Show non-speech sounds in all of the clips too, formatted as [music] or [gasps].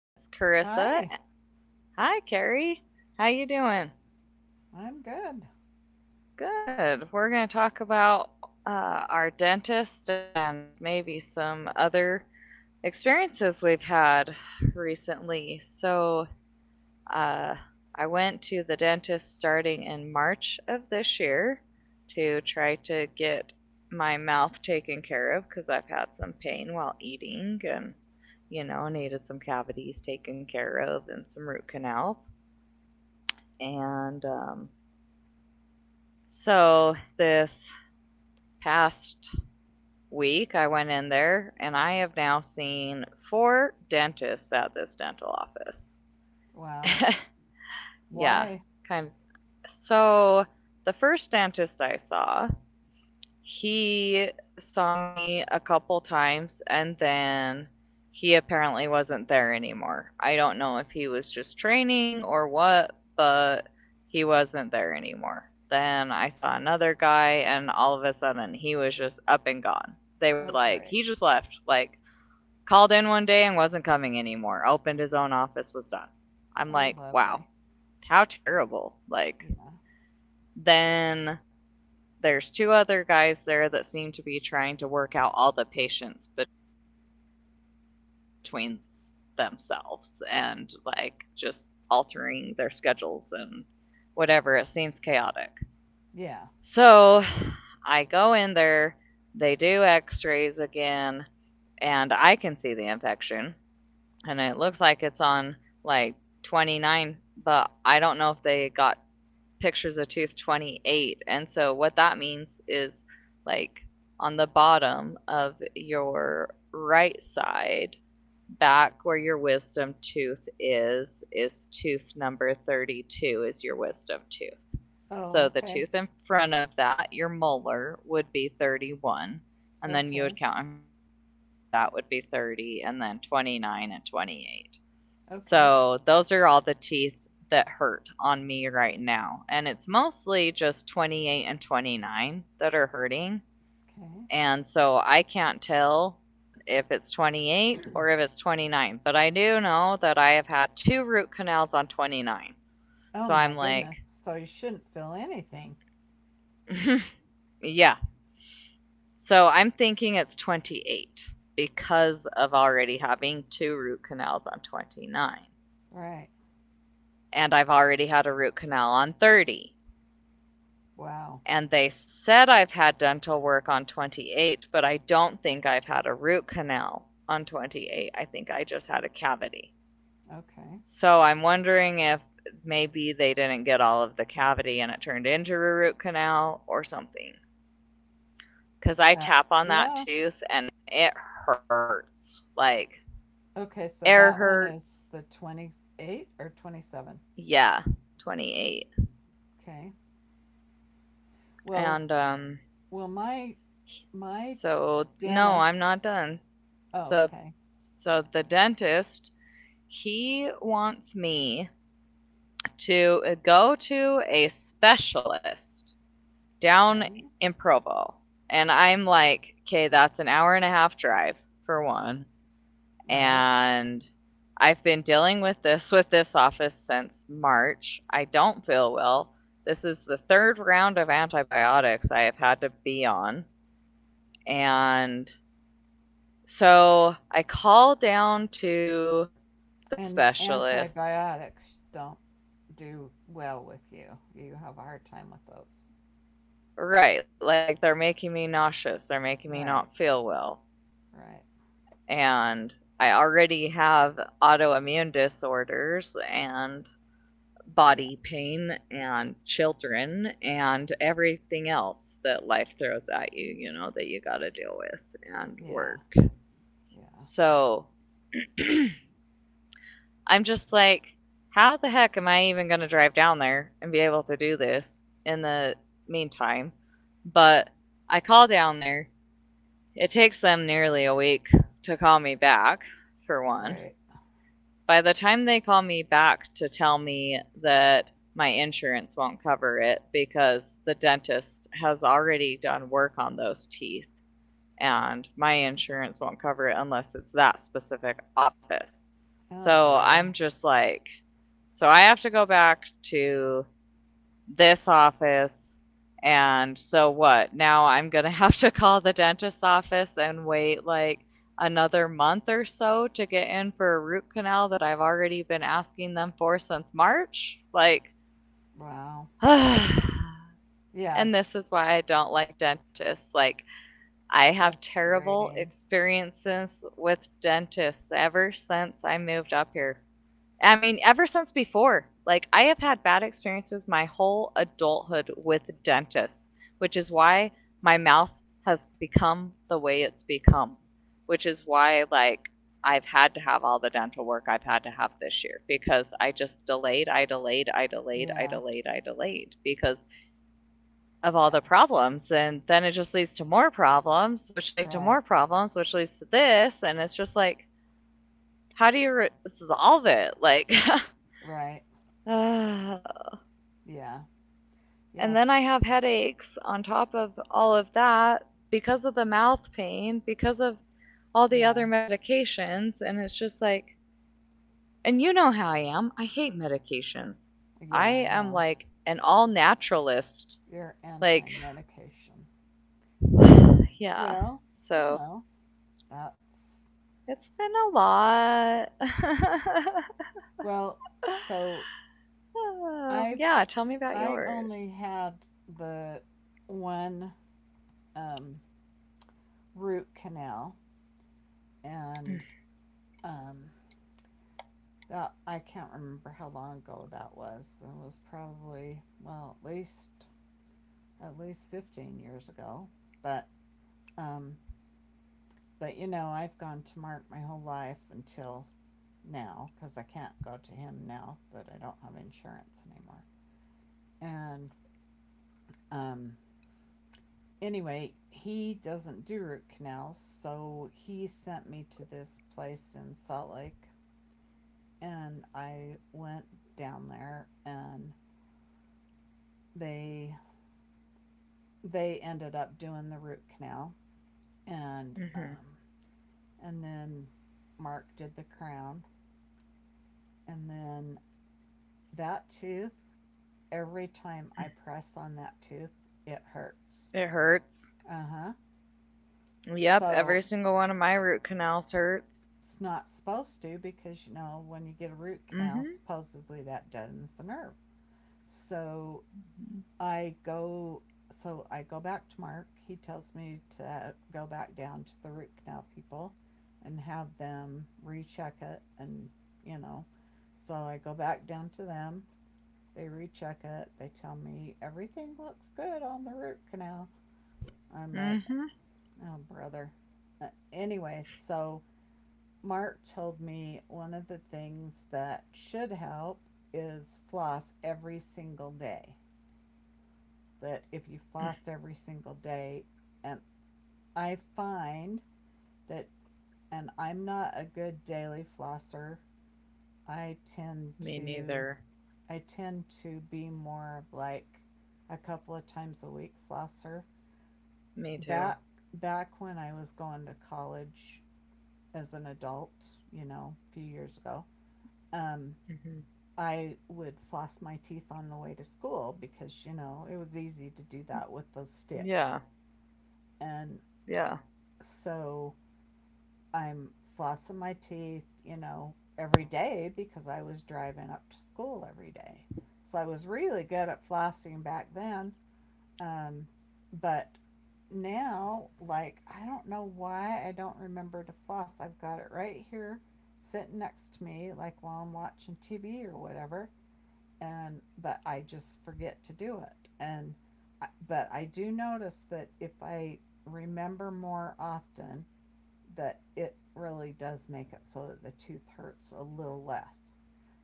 This is Carissa. Hi, Hi, Carrie. How you doing? I'm good. Good. We're going to talk about our dentist and maybe some other experiences we've had recently. So, Uh, I went to the dentist starting in March of this year to try to get my mouth taken care of because I've had some pain while eating and needed some cavities taken care of and some root canals. And so this past week, I went in there and I have now seen four dentists at this dental office. Wow. [laughs] Yeah, Why? kind of. So the first dentist I saw, he saw me a couple times and then he apparently wasn't there anymore. I don't know if he was just training or what, but he wasn't there anymore. Then I saw another guy and all of a sudden he was just up and gone. They were Oh, like, great. he just left. Like, called in 1 day and wasn't coming anymore. Opened his own office, was done. I'm Oh, like, wow, lovely. how terrible. Like, Yeah. then there's two other guys there that seem to be trying to work out all the patients between themselves and like just altering their schedules and whatever. It seems chaotic. So Yeah. I go in there, they do x rays again, and I can see the infection, and it looks like it's on like 29, but I don't know if they got pictures of tooth 28. And so what that means is, like, on the bottom of your right side, back where your wisdom tooth is tooth number 32 is your wisdom tooth. Oh, So the okay. tooth in front of that, your molar, would be 31. And then you Okay. would count in front of that would be 30, and then 29 and 28. Okay. So those are all the teeth that hurt on me right now. And it's mostly just 28 and 29 that are hurting. Okay. And so I can't tell if it's 28 or if it's 29. But I do know that I have had two root canals on 29. Oh, So my I'm like, goodness. So you shouldn't feel anything. [laughs] yeah. So I'm thinking it's 28 because of already having two root canals on 29. Right. And I've already had a root canal on 30, Wow. and they said I've had dental work on 28, but I don't think I've had a root canal on 28. I think I just had a cavity. Okay. So I'm wondering if maybe they didn't get all of the cavity and it turned into a root canal or something. Because I That, tap on that yeah. tooth and it hurts. Like, Okay. air So that one hurts. is the 28 or 27. Yeah, 28. Okay. Well, And, um, well, my, my so no, I'm dentist. not done. Oh, So, okay. so the dentist, he wants me to go to a specialist down Okay. in Provo. And I'm like, okay, that's an hour and a half drive, for one. Right. And I've been dealing with this office since March. I don't feel well. This is the third round of antibiotics I have had to be on. And so I call down to the And specialist. antibiotics don't do well with you. You have a hard time with those. Right, like they're making me nauseous, they're making me Right, not feel well. right. And I already have autoimmune disorders and Yeah, body pain and children and everything else that life throws at you, you know, that you got to deal with and yeah, work. yeah. So [clears throat] I'm just like, how the heck am I even going to drive down there and be able to do this in the meantime? But I call down there, it takes them nearly a week to call me back, for one. Great. By the time they call me back to tell me that my insurance won't cover it because the dentist has already done work on those teeth and my insurance won't cover it unless it's that specific office. Oh, So I'm brother. just like, so I have to go back to this office. And so what? Now I'm going to [laughs] have to call the dentist's office and wait like another month or so to get in for a root canal that I've already been asking them for since March. Like, Wow. [sighs] and Yeah, this is why I don't like dentists. Like, I have terrible frustrating. experiences with dentists ever since I moved up here. I mean, ever since before, like I have had bad experiences my whole adulthood with dentists, which is why my mouth has become the way it's become, which is why, like, I've had to have all the dental work I've had to have this year because I delayed, I delayed, I Yeah, delayed, I delayed because of all yeah. the problems. And then it just leads to more problems, which lead to Right, more problems, which leads to this. And it's just like, how do you solve it? Like, [sighs] right. [laughs] Uh, Yeah, and yeah, then t- I have headaches on top of all of that because of the mouth pain, because of all the yeah, other medications. And it's just like, and you know how I am. I hate medications. I yeah. I am know. like an all naturalist. You're anti Like, medication. [sighs] yeah. Well, you So know, that's. it's been a lot. [laughs] Well, so I've. Oh, yeah, tell me I about only yours. had the one um, root canal and Mm-hmm. um, that I can't remember how long ago that was. It was probably well at least 15 years ago. But um, but you know I've gone to Mark my whole life until now because I can't go to him now that I don't have insurance anymore. And um, anyway, he doesn't do root canals, so he sent me to this place in Salt Lake, and I went down there and they they ended up doing the root canal and um, Mm-hmm. and then Mark did the crown, and then that tooth, every time I press on that tooth, it hurts. It hurts. Uh-huh. Yep, So every single one of my root canals hurts. it's not supposed to, because you know when you get a root canal, Mhm. supposedly that deadens the nerve. So Mhm. I go, so I go back to Mark. He tells me to go back down to the root canal people and have them recheck it, and you know. So I go back down to them. They recheck it. They tell me everything looks good on the root canal. I'm like, Mhm. oh, brother. Anyway, so Mark told me one of the things that should help is floss every single day. That if you [laughs] floss every single day, and I find that, and I'm not a good daily flosser, I tend Me to neither. I tend to be more of like a couple of times a week flosser. Me too. Back back when I was going to college as an adult, you know, a few years ago, um, Mhm. I would floss my teeth on the way to school because, you know, it was easy to do that with those Yeah, sticks. And yeah. so I'm flossing my teeth, you know, every day because I was driving up to school every day. So I was really good at flossing back then. Um, but now, like, I don't know why I don't remember to floss. I've got it right here sitting next to me, like while I'm watching TV or whatever. And but I just forget to do it. And but I do notice that if I remember more often, that it really does make it so that the tooth hurts a little less.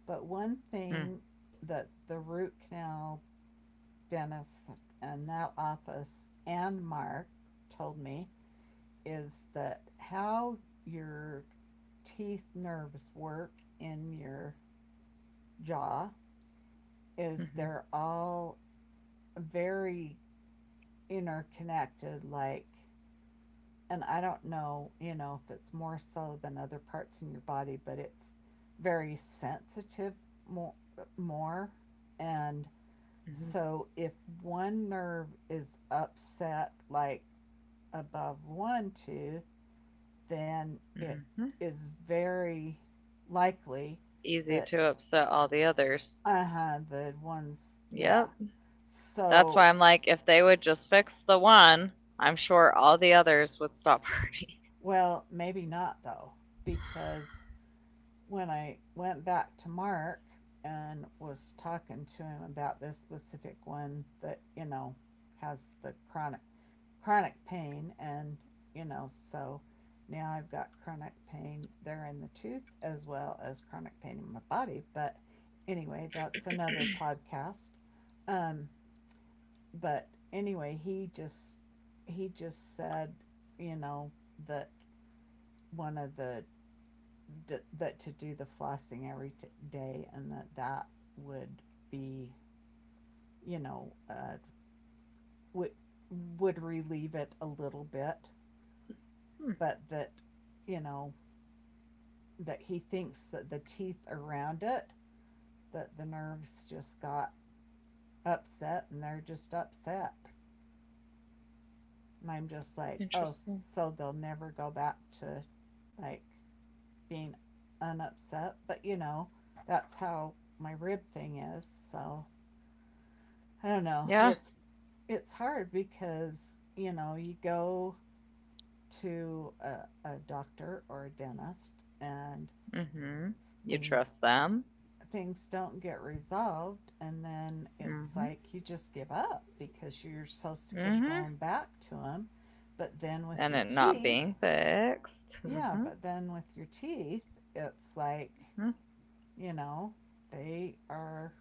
But one Mm. thing that the root canal dentist in that office and Mark told me is that how your teeth nerves work in your jaw is Mhm. they're all very interconnected, like, and I don't know, you know, if it's more so than other parts in your body, but it's very sensitive, more, more. And Mhm. so if one nerve is upset, like above one tooth, then it Mhm. is very likely Easy to that, upset all the others. uh huh, the ones, yeah. Yep. That's So, why I'm like, if they would just fix the one, I'm sure all the others would stop hurting. [laughs] well, maybe not though, because when I went back to Mark and was talking to him about this specific one that, you know, has the chronic pain and, you know, so now I've got chronic pain there in the tooth as well as chronic pain in my body, but anyway, that's another podcast. Um, but anyway, he just said, you know, that one of the that to do the flossing every day and that that would be, you know, would would relieve it a little bit, Hmm. but that, you know, that he thinks that the teeth around it, that the nerves just got upset and they're just upset. And I'm just like, oh, Interesting. so they'll never go back to like being unupset. But you know, that's how my rib thing is. So I don't know. Yeah. It's hard because you know you go to a doctor or a dentist and Mhm. You things trust them. things don't get resolved and then it's Mhm. like you just give up because you're so sick of Mhm. going back to them, but then with And your it not teeth, being fixed. yeah Mhm. but then with your teeth it's like, Mhm. you know, they are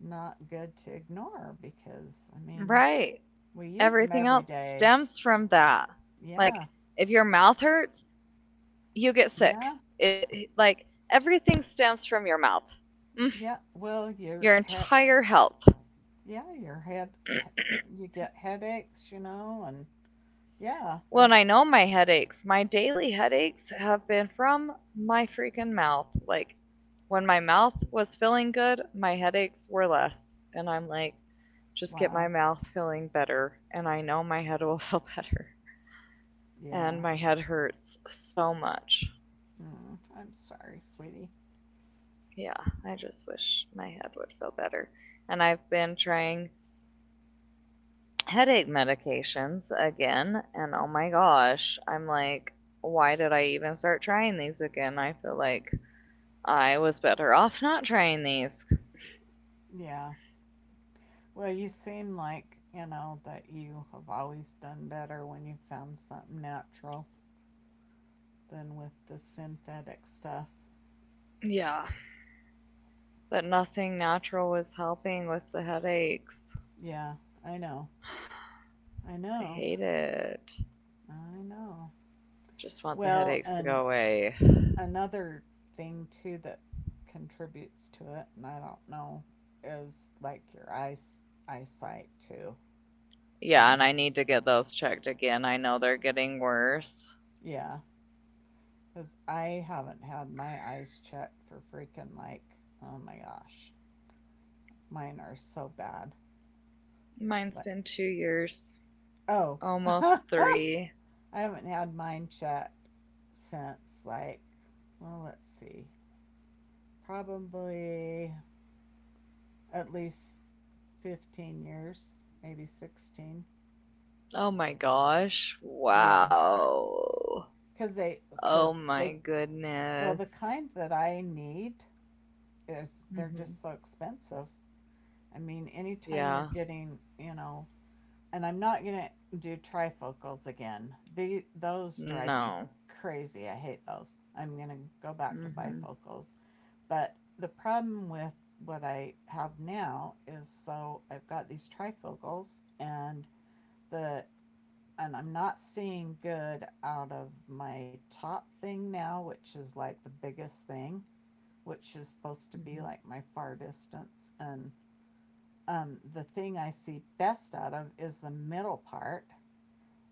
not good to ignore, because I mean Right. we use them Everything every else day. stems from that. Yeah, Like, if your mouth hurts, you get yeah, sick. It, like, everything stems from your mouth. Mm, yeah. Well, your your head, entire health. yeah, your head, you get headaches, you know, and yeah, When, I there's, know my headaches, my daily headaches have been from my freaking mouth. Like, when my mouth was feeling good, my headaches were less. And I'm like, just get my wow, mouth feeling better. And I know my head will [laughs] feel better. And yeah. my head hurts so much. Mm, I'm sorry, sweetie. Yeah, I just wish my head would feel better. And I've been trying headache medications again, and oh my gosh, I'm like, why did I even start trying these again? I feel like I was better off not trying these. Yeah. Well, you seem like, you know, that you have always done better when you found something natural than with the synthetic stuff. Yeah, but nothing natural was helping with the headaches. Yeah, I know. I I know. hate it. I know. I just want the Well, headaches to and go away. another thing too that contributes to it, and I don't know, is like your eyesight too, Yeah, and and I need to get those checked again. I know they're getting worse. yeah, because I haven't had my eyes checked for freaking like, oh my gosh, mine are so bad. Mine's Like, been 2 years. oh, [laughs] Almost I three. haven't had mine checked since like, well let's see, probably at least 15 years, maybe 16. Oh my gosh. Yeah. Wow. because they Oh because my they well the goodness. kind that I need is they're Hmm. just so expensive. I mean, anytime you're Yeah. getting you know, and I'm not gonna do trifocals again. The Those drive me No. crazy. I hate those. I'm gonna go back to Hmm. bifocals, but the problem with what I have now is so I've got these trifocals, and the and I'm not seeing good out of my top thing now, which is like the biggest thing, which is supposed to be Hmm. like my far distance. And the thing I see best out of is the middle part,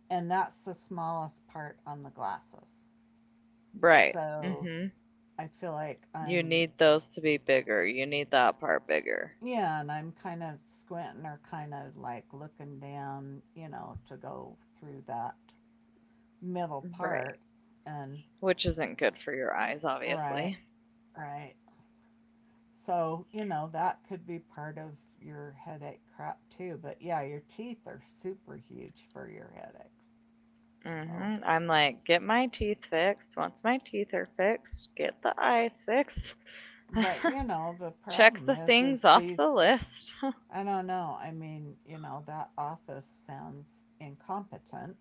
and that's the smallest part on the glasses. Right. mm So hmm I feel like You I'm, need those to be bigger. You need that part bigger. yeah, and I'm kind of squinting or kind of like looking down, you know, to go through that middle Right. part. And Which isn't good for your eyes, right, obviously. right. So, you know, that could be part of your headache crap too. But yeah, your teeth are super huge for your headaches. Mm So, hmm I'm like, get my teeth fixed. Once my teeth are fixed, get the eyes fixed. but you [laughs] know, the Check problem the things is off the these, list. I don't know. I mean, you know, that office sounds incompetent,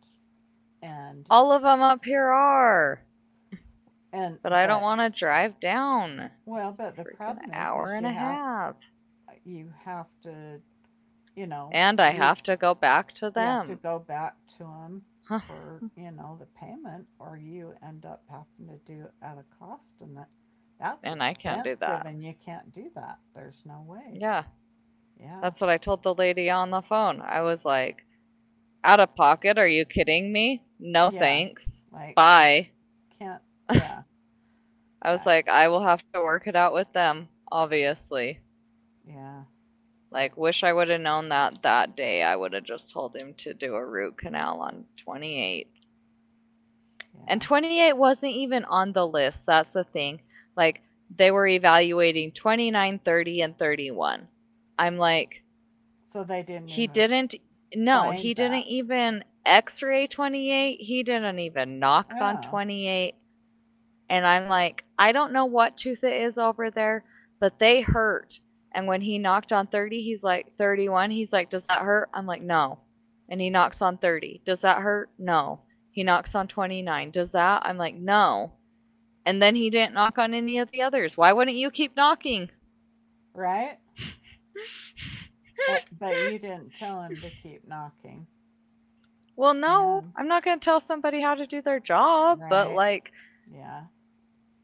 and, All of them up here are, and, but I don't but, want to drive down. well, It's but the freaking an problem hour is and a half, you have to, you know, and I you have to go back to you have to them. go back to them Huh, for you know the payment, or you end up having to do it at a cost, and that's and I can't do expensive that. and you can't do that, there's no way. Yeah, Yeah, that's what I told the lady on the phone. I was like, "Out of pocket? Are you kidding me? No yeah, thanks. like I Bye." can't. Yeah, I was yeah, like, "I will have to work it out with them, obviously." yeah, Like, wish I would have known that that day. I would have just told him to do a root canal on 28. And yeah. 28 wasn't even on the list. That's the thing. Like, they were evaluating 29, 30, and 31. I'm like, So they didn't he even didn't, no, find he didn't that. even x ray 28. He didn't even knock on Oh, 28. And I'm like, I don't know what tooth it is over there, but they hurt. And when he knocked on 30, he's like, 31. He's like, does that hurt? I'm like, no. And he knocks on 30. Does that hurt? No. He knocks on 29. Does that? I'm like, no. And then he didn't knock on any of the others. Why wouldn't you keep knocking? right. [laughs] But you didn't tell him to keep knocking, Well, no, man. I'm not going to tell somebody how to do their job, but Right, like yeah,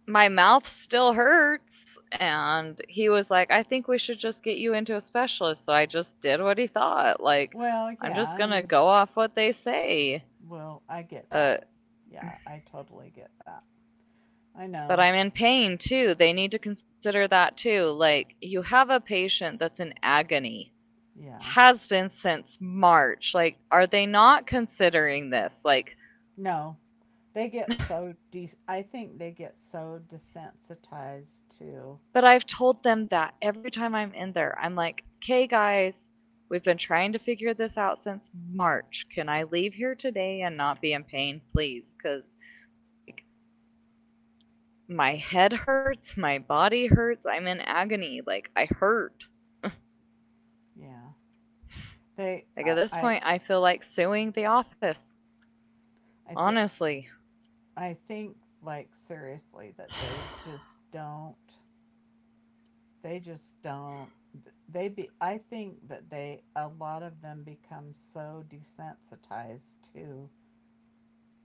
my mouth still hurts. And he was like, I think we should just get you into a specialist. So I just did what he thought. Like, well I'm just yeah, going to and go off what they say. well, I get that. But Yeah, I totally get that. I but know. I'm in pain too. They need to consider that too. Like, you have a patient that's in agony, Yeah. has been since March. Like, are they not considering this? Like, No, they get I think they get so desensitized to, but I've told them that every time I'm in there, I'm like, okay, guys, we've been trying to figure this out since March. Can I leave here today and not be in pain, please? Because, like, my head hurts, my body hurts, I'm in agony. Like, I hurt. yeah. They Like, at this point, I feel like suing the office, I think, honestly, I think, like, seriously, that they [sighs] just don't, they be I think that they, a lot of them become so desensitized to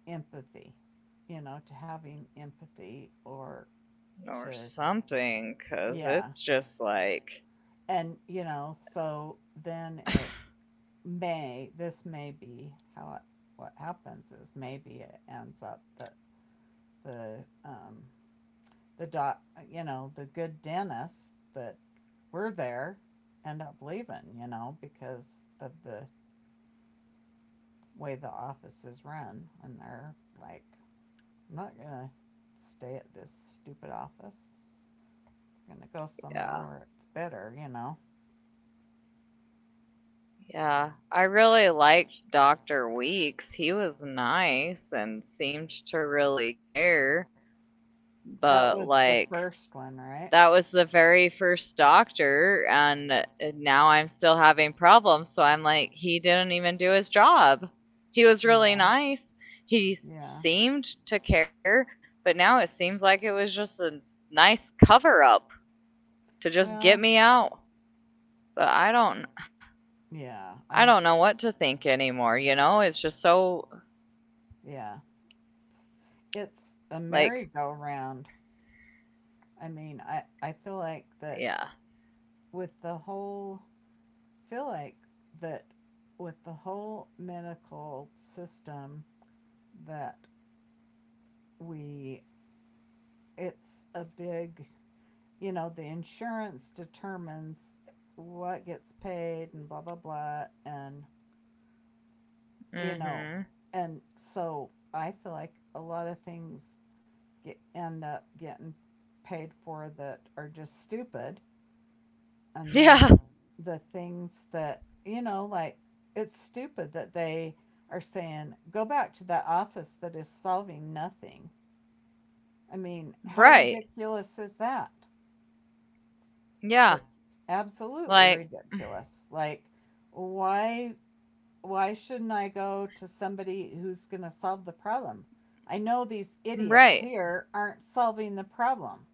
empathy, you know, to having empathy or or to, something, because yeah. it's just like, And, you know, so then it may, this may be how it, what happens is maybe it ends up that the, um, the you know, the good dentists that were there end up leaving, you know, because of the way the office is run. And they're like, I'm not going to stay at this stupid office. I'm going to go somewhere yeah. where it's better, you know. Yeah, I really liked Dr. Weeks. He was nice and seemed to really care, That but was the like first one, right? that was the very first doctor and now I'm still having problems, so I'm like he didn't even do his job. He was really Yeah. nice. He Yeah. seemed to care, but now it seems like it was just a nice cover up to just Well, get me out. But I don't yeah. I I, don't know what to think anymore, you know? It's just so. yeah. It's it's a Like, merry-go-round. I mean, I feel like that yeah. with the whole, feel like that medical system, that we, it's a big, you know, the insurance determines what gets paid and blah blah blah and you know, Mm-hmm. and so I feel like a lot of things get, end up getting paid for that are just stupid. And [laughs] then Yeah. the things that, you know, like it's stupid that they are saying, go back to that office that is solving nothing. I mean, how Right. ridiculous is that? Yeah. It's absolutely Like, ridiculous. Like, why why shouldn't I go to somebody who's going to solve the problem? I know these idiots right. here aren't solving the problem.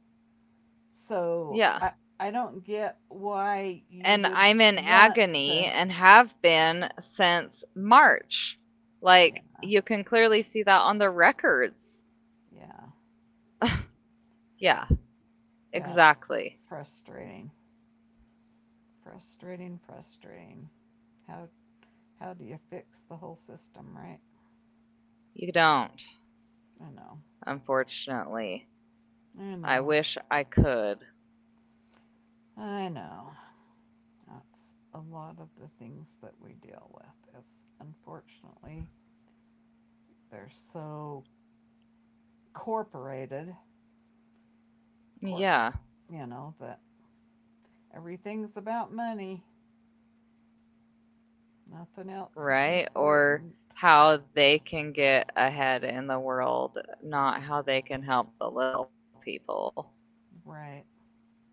So Yeah. I don't get why you And would I'm in want agony to. and have been since March. Like, Yeah, you can clearly see that on the records. yeah, Yeah, yeah. It's exactly. frustrating, frustrating, frustrating. How how do you fix the whole system, right? You don't, I know, unfortunately. I I know, wish I could. I know. That's a lot of the things that we deal with. Is unfortunately they're so corporated, corp. Yeah, You know that everything's about money. Nothing else is right? Or important. how they can get ahead in the world, not how they can help the little people. Right.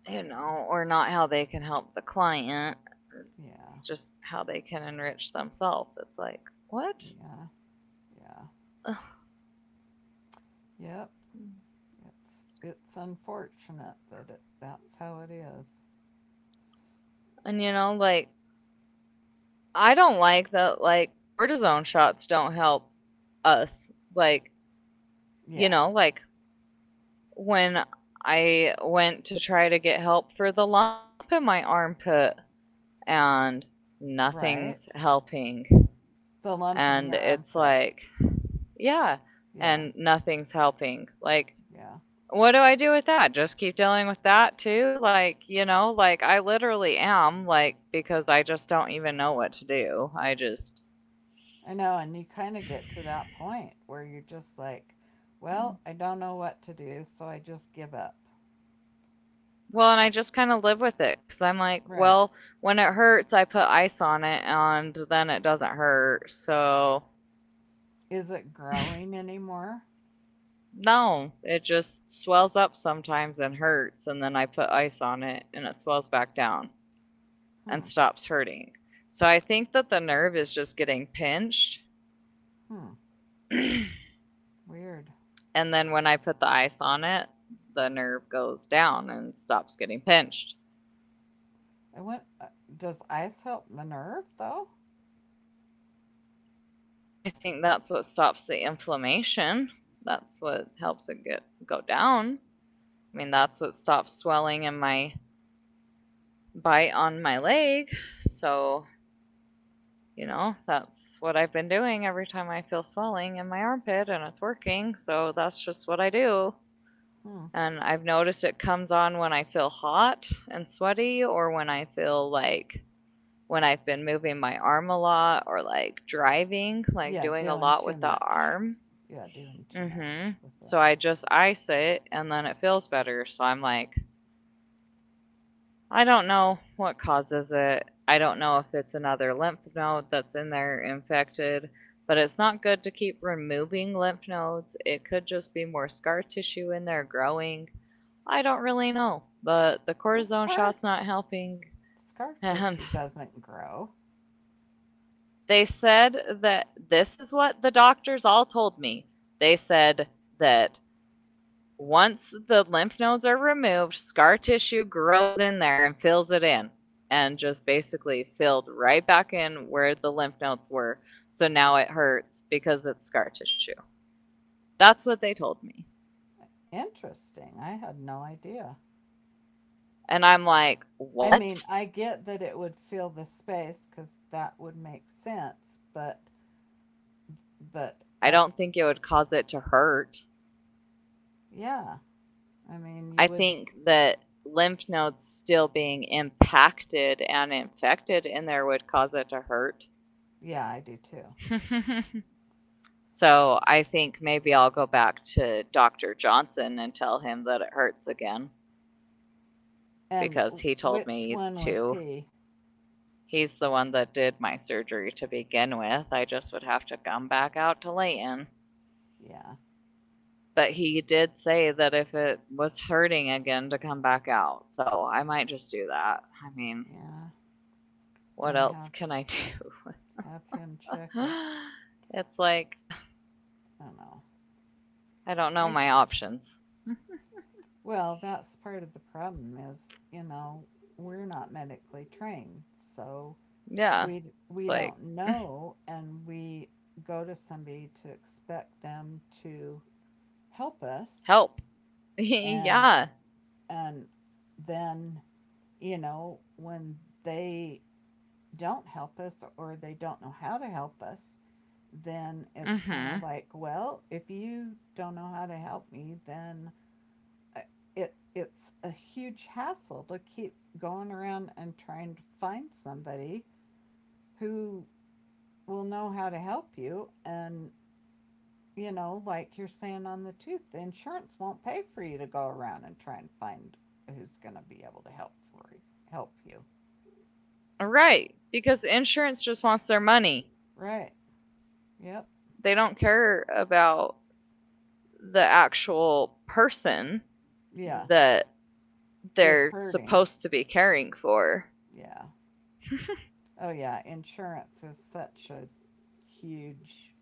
Yeah. Or not how they can help the client, Yeah. just how they can enrich themselves. It's like, what? Yeah. Yeah. Ugh. Yep. It's unfortunate that it, that's how it is. And like I don't like that like cortisone shots don't help us. Like, Yeah. Like when I went to try to get help for the lump in my armpit and nothing's Right. helping. The lump in And your it's armpit. like, yeah, Yeah. and nothing's helping. Like, Yeah. what do I do with that? Just keep dealing with that too? Like, like I literally am, like, because I just don't even know what to do. I just, I know, and you kind of get to that point where you're just like, well, I don't know what to do, so I just give up. well, and I just kind of live with it because I'm like, Right. well, when it hurts, I put ice on it and then it doesn't hurt. So, Is it growing anymore? no, it just swells up sometimes and hurts. And then I put ice on it and it swells back down and Hmm. stops hurting. So I think that the nerve is just getting pinched. Hmm. [clears throat] Weird. And then when I put the ice on it, the nerve goes down and stops getting pinched. I went Does ice help the nerve though? I think that's what stops the inflammation. That's what helps it get go down. I mean, that's what stops swelling in my bite on my leg. So, that's what I've been doing every time I feel swelling in my armpit and it's working. So, that's just what I do. Hmm. And I've noticed it comes on when I feel hot and sweaty or when I feel like when I've been moving my arm a lot or like driving, like Yeah, doing a doing lot too with the much. arm. Yeah, doing too Hmm. much with it. So I just ice it and then it feels better. So I'm like, I don't know what causes it. I don't know if it's another lymph node that's in there infected, but it's not good to keep removing lymph nodes. It could just be more scar tissue in there growing. I don't really know, but the Well, cortisone scar shot's not helping. scar [laughs] And tissue doesn't grow. they said that this is what the doctors all told me. They said that once the lymph nodes are removed, scar tissue grows in there and fills it in and just basically filled right back in where the lymph nodes were. So now it hurts because it's scar tissue. That's what they told me. Interesting. I had no idea. And I'm like, I what? mean, I get that it would fill the space because that would make sense, but I I don't think it would cause it to hurt. yeah. I mean, I you would think that lymph nodes still being impacted and infected in there would cause it to hurt. yeah, I do too. [laughs] So I think maybe I'll go back to Dr. Johnson and tell him that it hurts again And because he told which me one was to. he? He's the one that did my surgery to begin with. I just would have to come back out to Layton. Yeah, But he did say that if it was hurting again to come back out. So I might just do that. I mean, yeah. what And else have can I [laughs] do? have him check it. [gasps] It's like I don't know. I don't know I my options. Well, that's part of the problem is, you know, we're not medically trained. So Yeah. we It's we like don't know, and we go to somebody to expect them to help us, help. [laughs] and Yeah. and then, you know, when they don't help us or they don't know how to help us, then it's kind of Mhm. like, well, if you don't know how to help me, then uh, it's a huge hassle to keep going around and trying to find somebody who will know how to help you, and you know, like you're saying, on the tooth the insurance won't pay for you to go around and try and find who's going to be able to help you. Right, because insurance just wants their money. Right. Yep. They don't care about the actual person Yeah. that Is they're hurting. supposed to be caring for. Yeah. [laughs] Oh yeah, insurance is such a huge,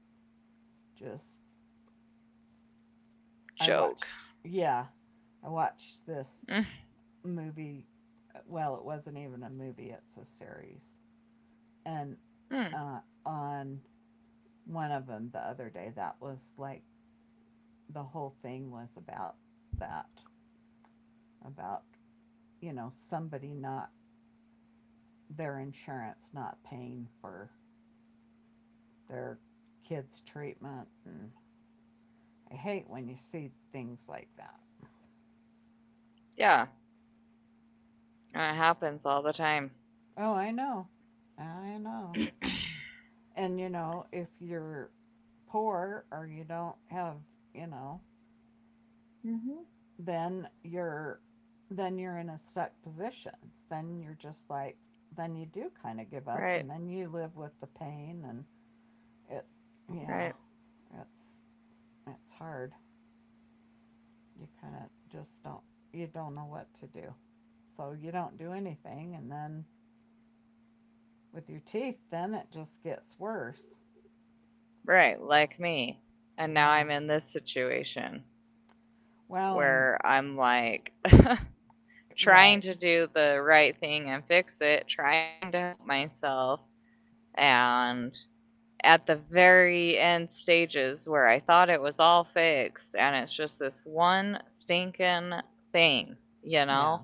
just, I Joke. watch yeah. I watched this movie. Well, it wasn't even a movie; it's a series. And Mhm. uh, on one of them the other day, that was like the whole thing was about that, about, you know, somebody not, their insurance not paying for their kids' treatment. And I hate when you see things like that. Yeah, it happens all the time. Oh, I know, I know. [clears throat] And you know, if you're poor or you don't have, you know, Mhm. then you're in a stuck position. Then you're just like, then you do kind of give up Right, and then you live with the pain. And it yeah, right, it's it's hard. You kind of just don't, you don't know what to do. So you don't do anything, and then with your teeth then it just gets worse. right, like me. And now Yeah. I'm in this situation, Well, and where I'm like [laughs] trying right. to do the right thing and fix it, trying to help myself. And at the very end stages where I thought it was all fixed, and it's just this one stinking thing, you Yeah. know,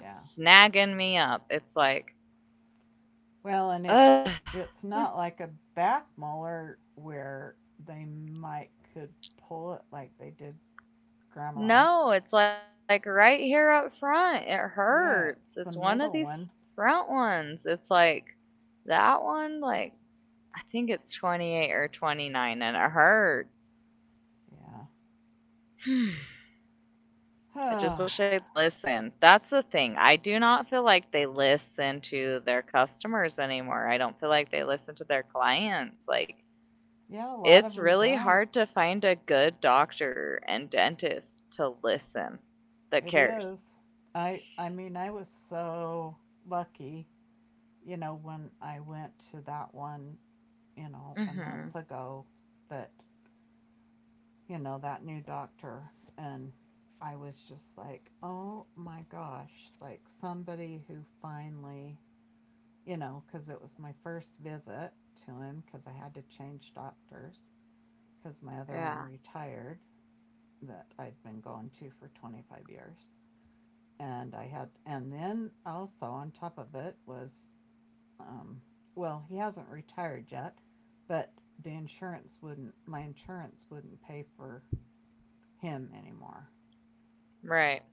Yeah. snagging me up. It's like, Well, and it's ugh. it's not like a back molar where they might could pull it like they did grandma's. No, it's like right here up front. It hurts. Yeah, It's it's one the of these middle one. front ones. It's like that one, like I think it's 28 or 29 and it hurts. Yeah. [sighs] [sighs] I Oh, just wish they'd listen. That's the thing. I do not feel like they listen to their customers anymore. I don't feel like they listen to their clients. Like, yeah, a lot of it's them really don't. hard to find a good doctor and dentist to listen that It cares. is. I mean, I was so lucky, you know, when I went to that one, you know, a Mm-hmm. month ago, that, you know, that new doctor. And I was just like, oh my gosh, like somebody who finally, you know, because it was my first visit to him, because I had to change doctors because my other one Yeah. retired, that I'd been going to for 25 years. And I had, and then also on top of it was, um, well, he hasn't retired yet, but the insurance wouldn't, my insurance wouldn't pay for him anymore. Right.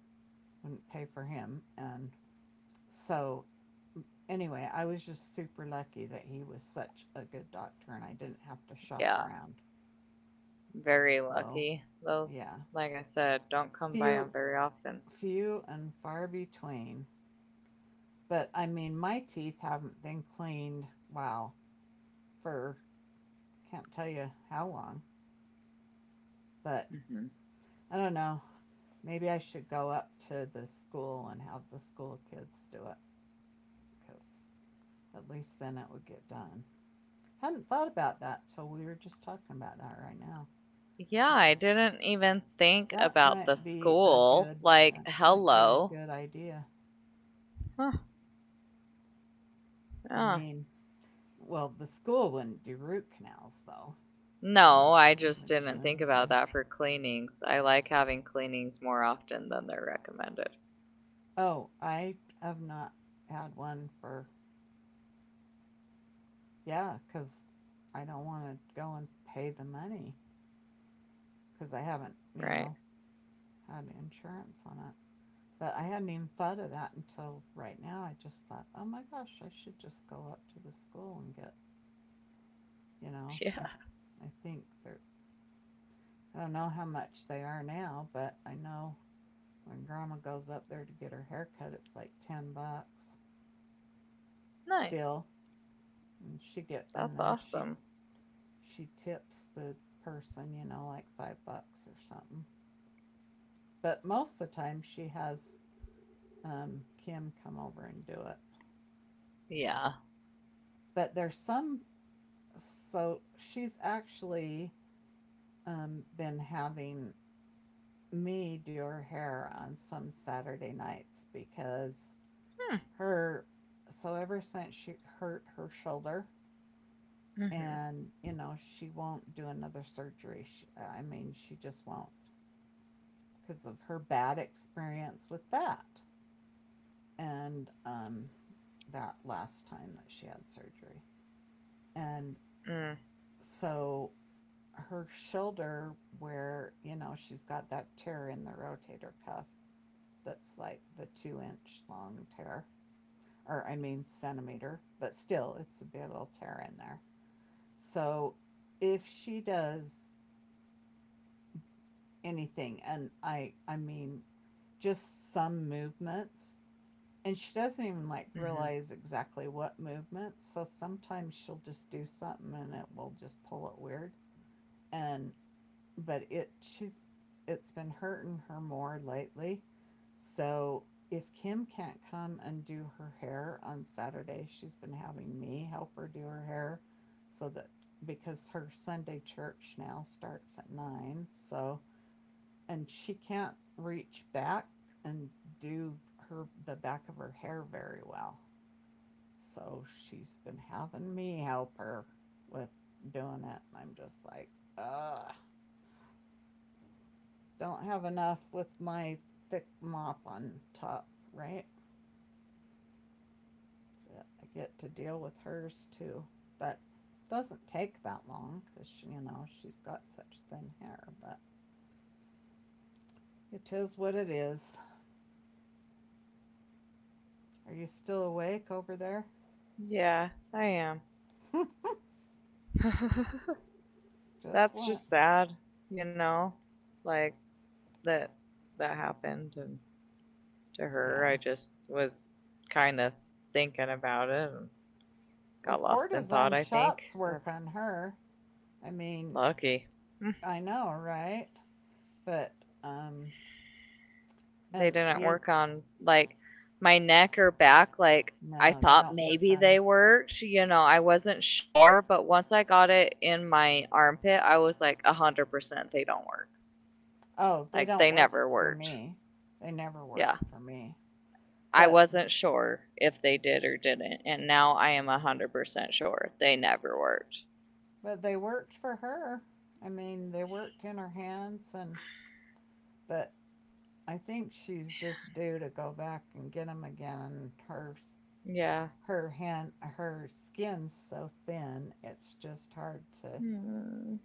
Wouldn't pay for him. And so, anyway, I was just super lucky that he was such a good doctor and I didn't have to shop Yeah. around. Very So, lucky. Those, yeah, like I said, don't come by them few, very often. few and far between. But I mean, my teeth haven't been cleaned, wow, for, can't tell you how long. But Mm-hmm. I don't know. Maybe I should go up to the school and have the school kids do it, because at least then it would get done. Hadn't thought about that till we were just talking about that right now. Yeah, That- I didn't even think about might the be a school. good Like, that might be a hello. good idea. Huh, I yeah. mean, well, the school wouldn't do root canals though. They wouldn't, No, I they just wouldn't do didn't think about anything. that for cleanings. I like having cleanings more often than they're recommended, Oh, I have not had one for, yeah, cuz I don't want to go and pay the money, cuz I haven't, you right? know, [laughs] had insurance on it. But I hadn't even thought of that until right now. I just thought, oh my gosh, I should just go up to the school and get, you know, Yeah. I think they're, I don't know how much they are now, but I know when grandma goes up there to get her hair cut, it's like 10 bucks Nice. still. And she get, and That's then awesome. she tips the person, you know, like 5 bucks or something. But most of the time she has Kim come over and do it. Yeah. But there's some, so she's actually been having me do her hair on some Saturday nights, because Hmm. her, so ever since she hurt her shoulder, Mm-hmm. and you know she won't do another surgery, she, I mean she just won't, because of her bad experience with that, and that last time that she had surgery, and Mm, so her shoulder, where you know she's got that tear in the rotator cuff, that's like the 2-inch long tear, or I mean centimeter, but still it's a big old tear in there. So if she does anything, and I mean just some movements, and she doesn't even like hmm. realize exactly what movements, so sometimes she'll just do something and it will just pull it weird, and but it she's, it's been hurting her more lately. So if Kim can't come and do her hair on Saturday, she's been having me help her do her hair, so that, because her Sunday church now starts at 9, so, and she can't reach back and do her, the back of her hair, very well. So she's been having me help her with doing it, and I'm just like, "Uh, don't have enough with my thick mop on top, right? I get to deal with hers too." But it doesn't take that long because, you know, she's got such thin hair. But it is what it is. Are you still awake over there? Yeah, I am. [laughs] Just That's what? just sad, you know? Like that that happened and to her. Yeah. I just was kind of thinking about it and Well, got lost in thought, cortisone I think. shots Uh, work on her. I mean, Lucky. Hmm. I know, right? But, um, They and didn't you, work on like my neck or back like I no, they thought don't work maybe they on. worked, I wasn't sure, but once I got it in my armpit, I was like 100% they don't work. Oh, they Like don't they work never for worked. me. They never Yeah. worked for me. I But wasn't sure if they did or didn't, and now I am 100% sure they never worked. They worked for her. I mean, they worked in her hands, and but I think she's just due to go back and get them again. And her Yeah. her hand her skin's so thin, it's just hard to Hmm.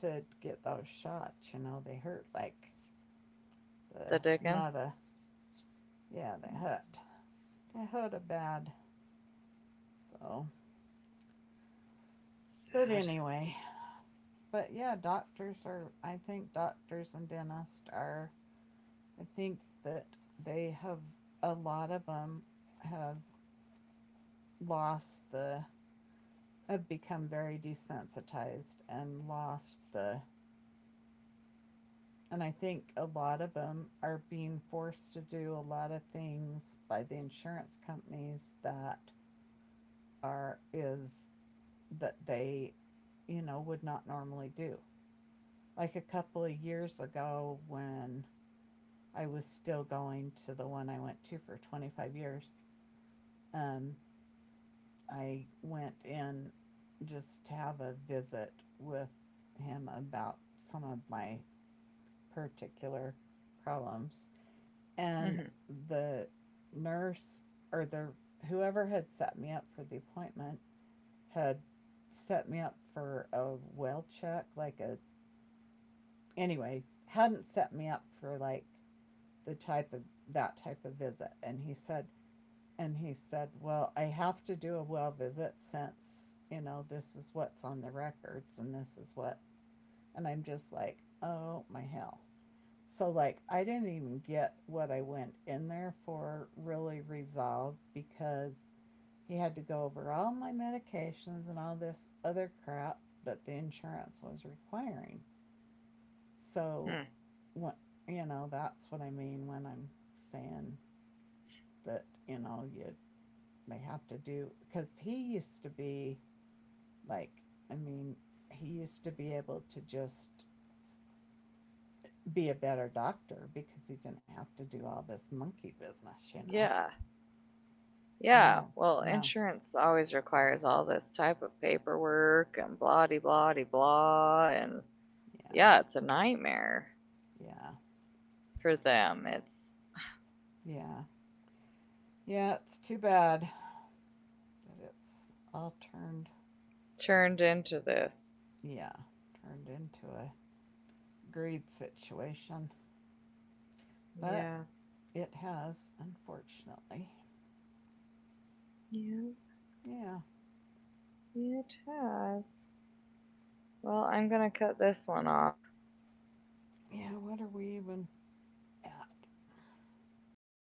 to get those shots, you know, they hurt like The the dickens? mother. Yeah, they hurt. They hurt a bad. So, but Sad. anyway, but yeah, doctors are, I think doctors and dentists are, I think that they have, a lot of them have lost the, have become very desensitized and lost the, and I think a lot of them are being forced to do a lot of things by the insurance companies that are, is, that they, you know, would not normally do. Like a couple of years ago when I was still going to the one I went to for 25 years. Um, I went in just to have a visit with him about some of my particular problems. And Mm-hmm. the nurse or the whoever had set me up for the appointment had set me up for a well check, like a, anyway, hadn't set me up for like the type of, that type of visit. And he said, well, I have to do a well visit since, you know, this is what's on the records and this is what. And I'm just like, oh my hell. So, like, I didn't even get what I went in there for really resolved, because he had to go over all my medications and all this other crap that the insurance was requiring. Hmm. So, what, you know, that's what I mean when I'm saying that, you know, you may have to do, because he used to be like, I mean he used to be able to just be a better doctor because he didn't have to do all this monkey business, you know. Yeah. Yeah. now Well, now insurance always requires all this type of paperwork and blah de blah de blah. And yeah. yeah, it's a nightmare Yeah. for them. It's Yeah. Yeah. It's too bad that it's all turned, turned into this. yeah, turned into a greed situation, Yeah. but it has, unfortunately. Yeah, Yeah. yeah, it has. Well, I'm going to cut this one off Yeah, what are we even at?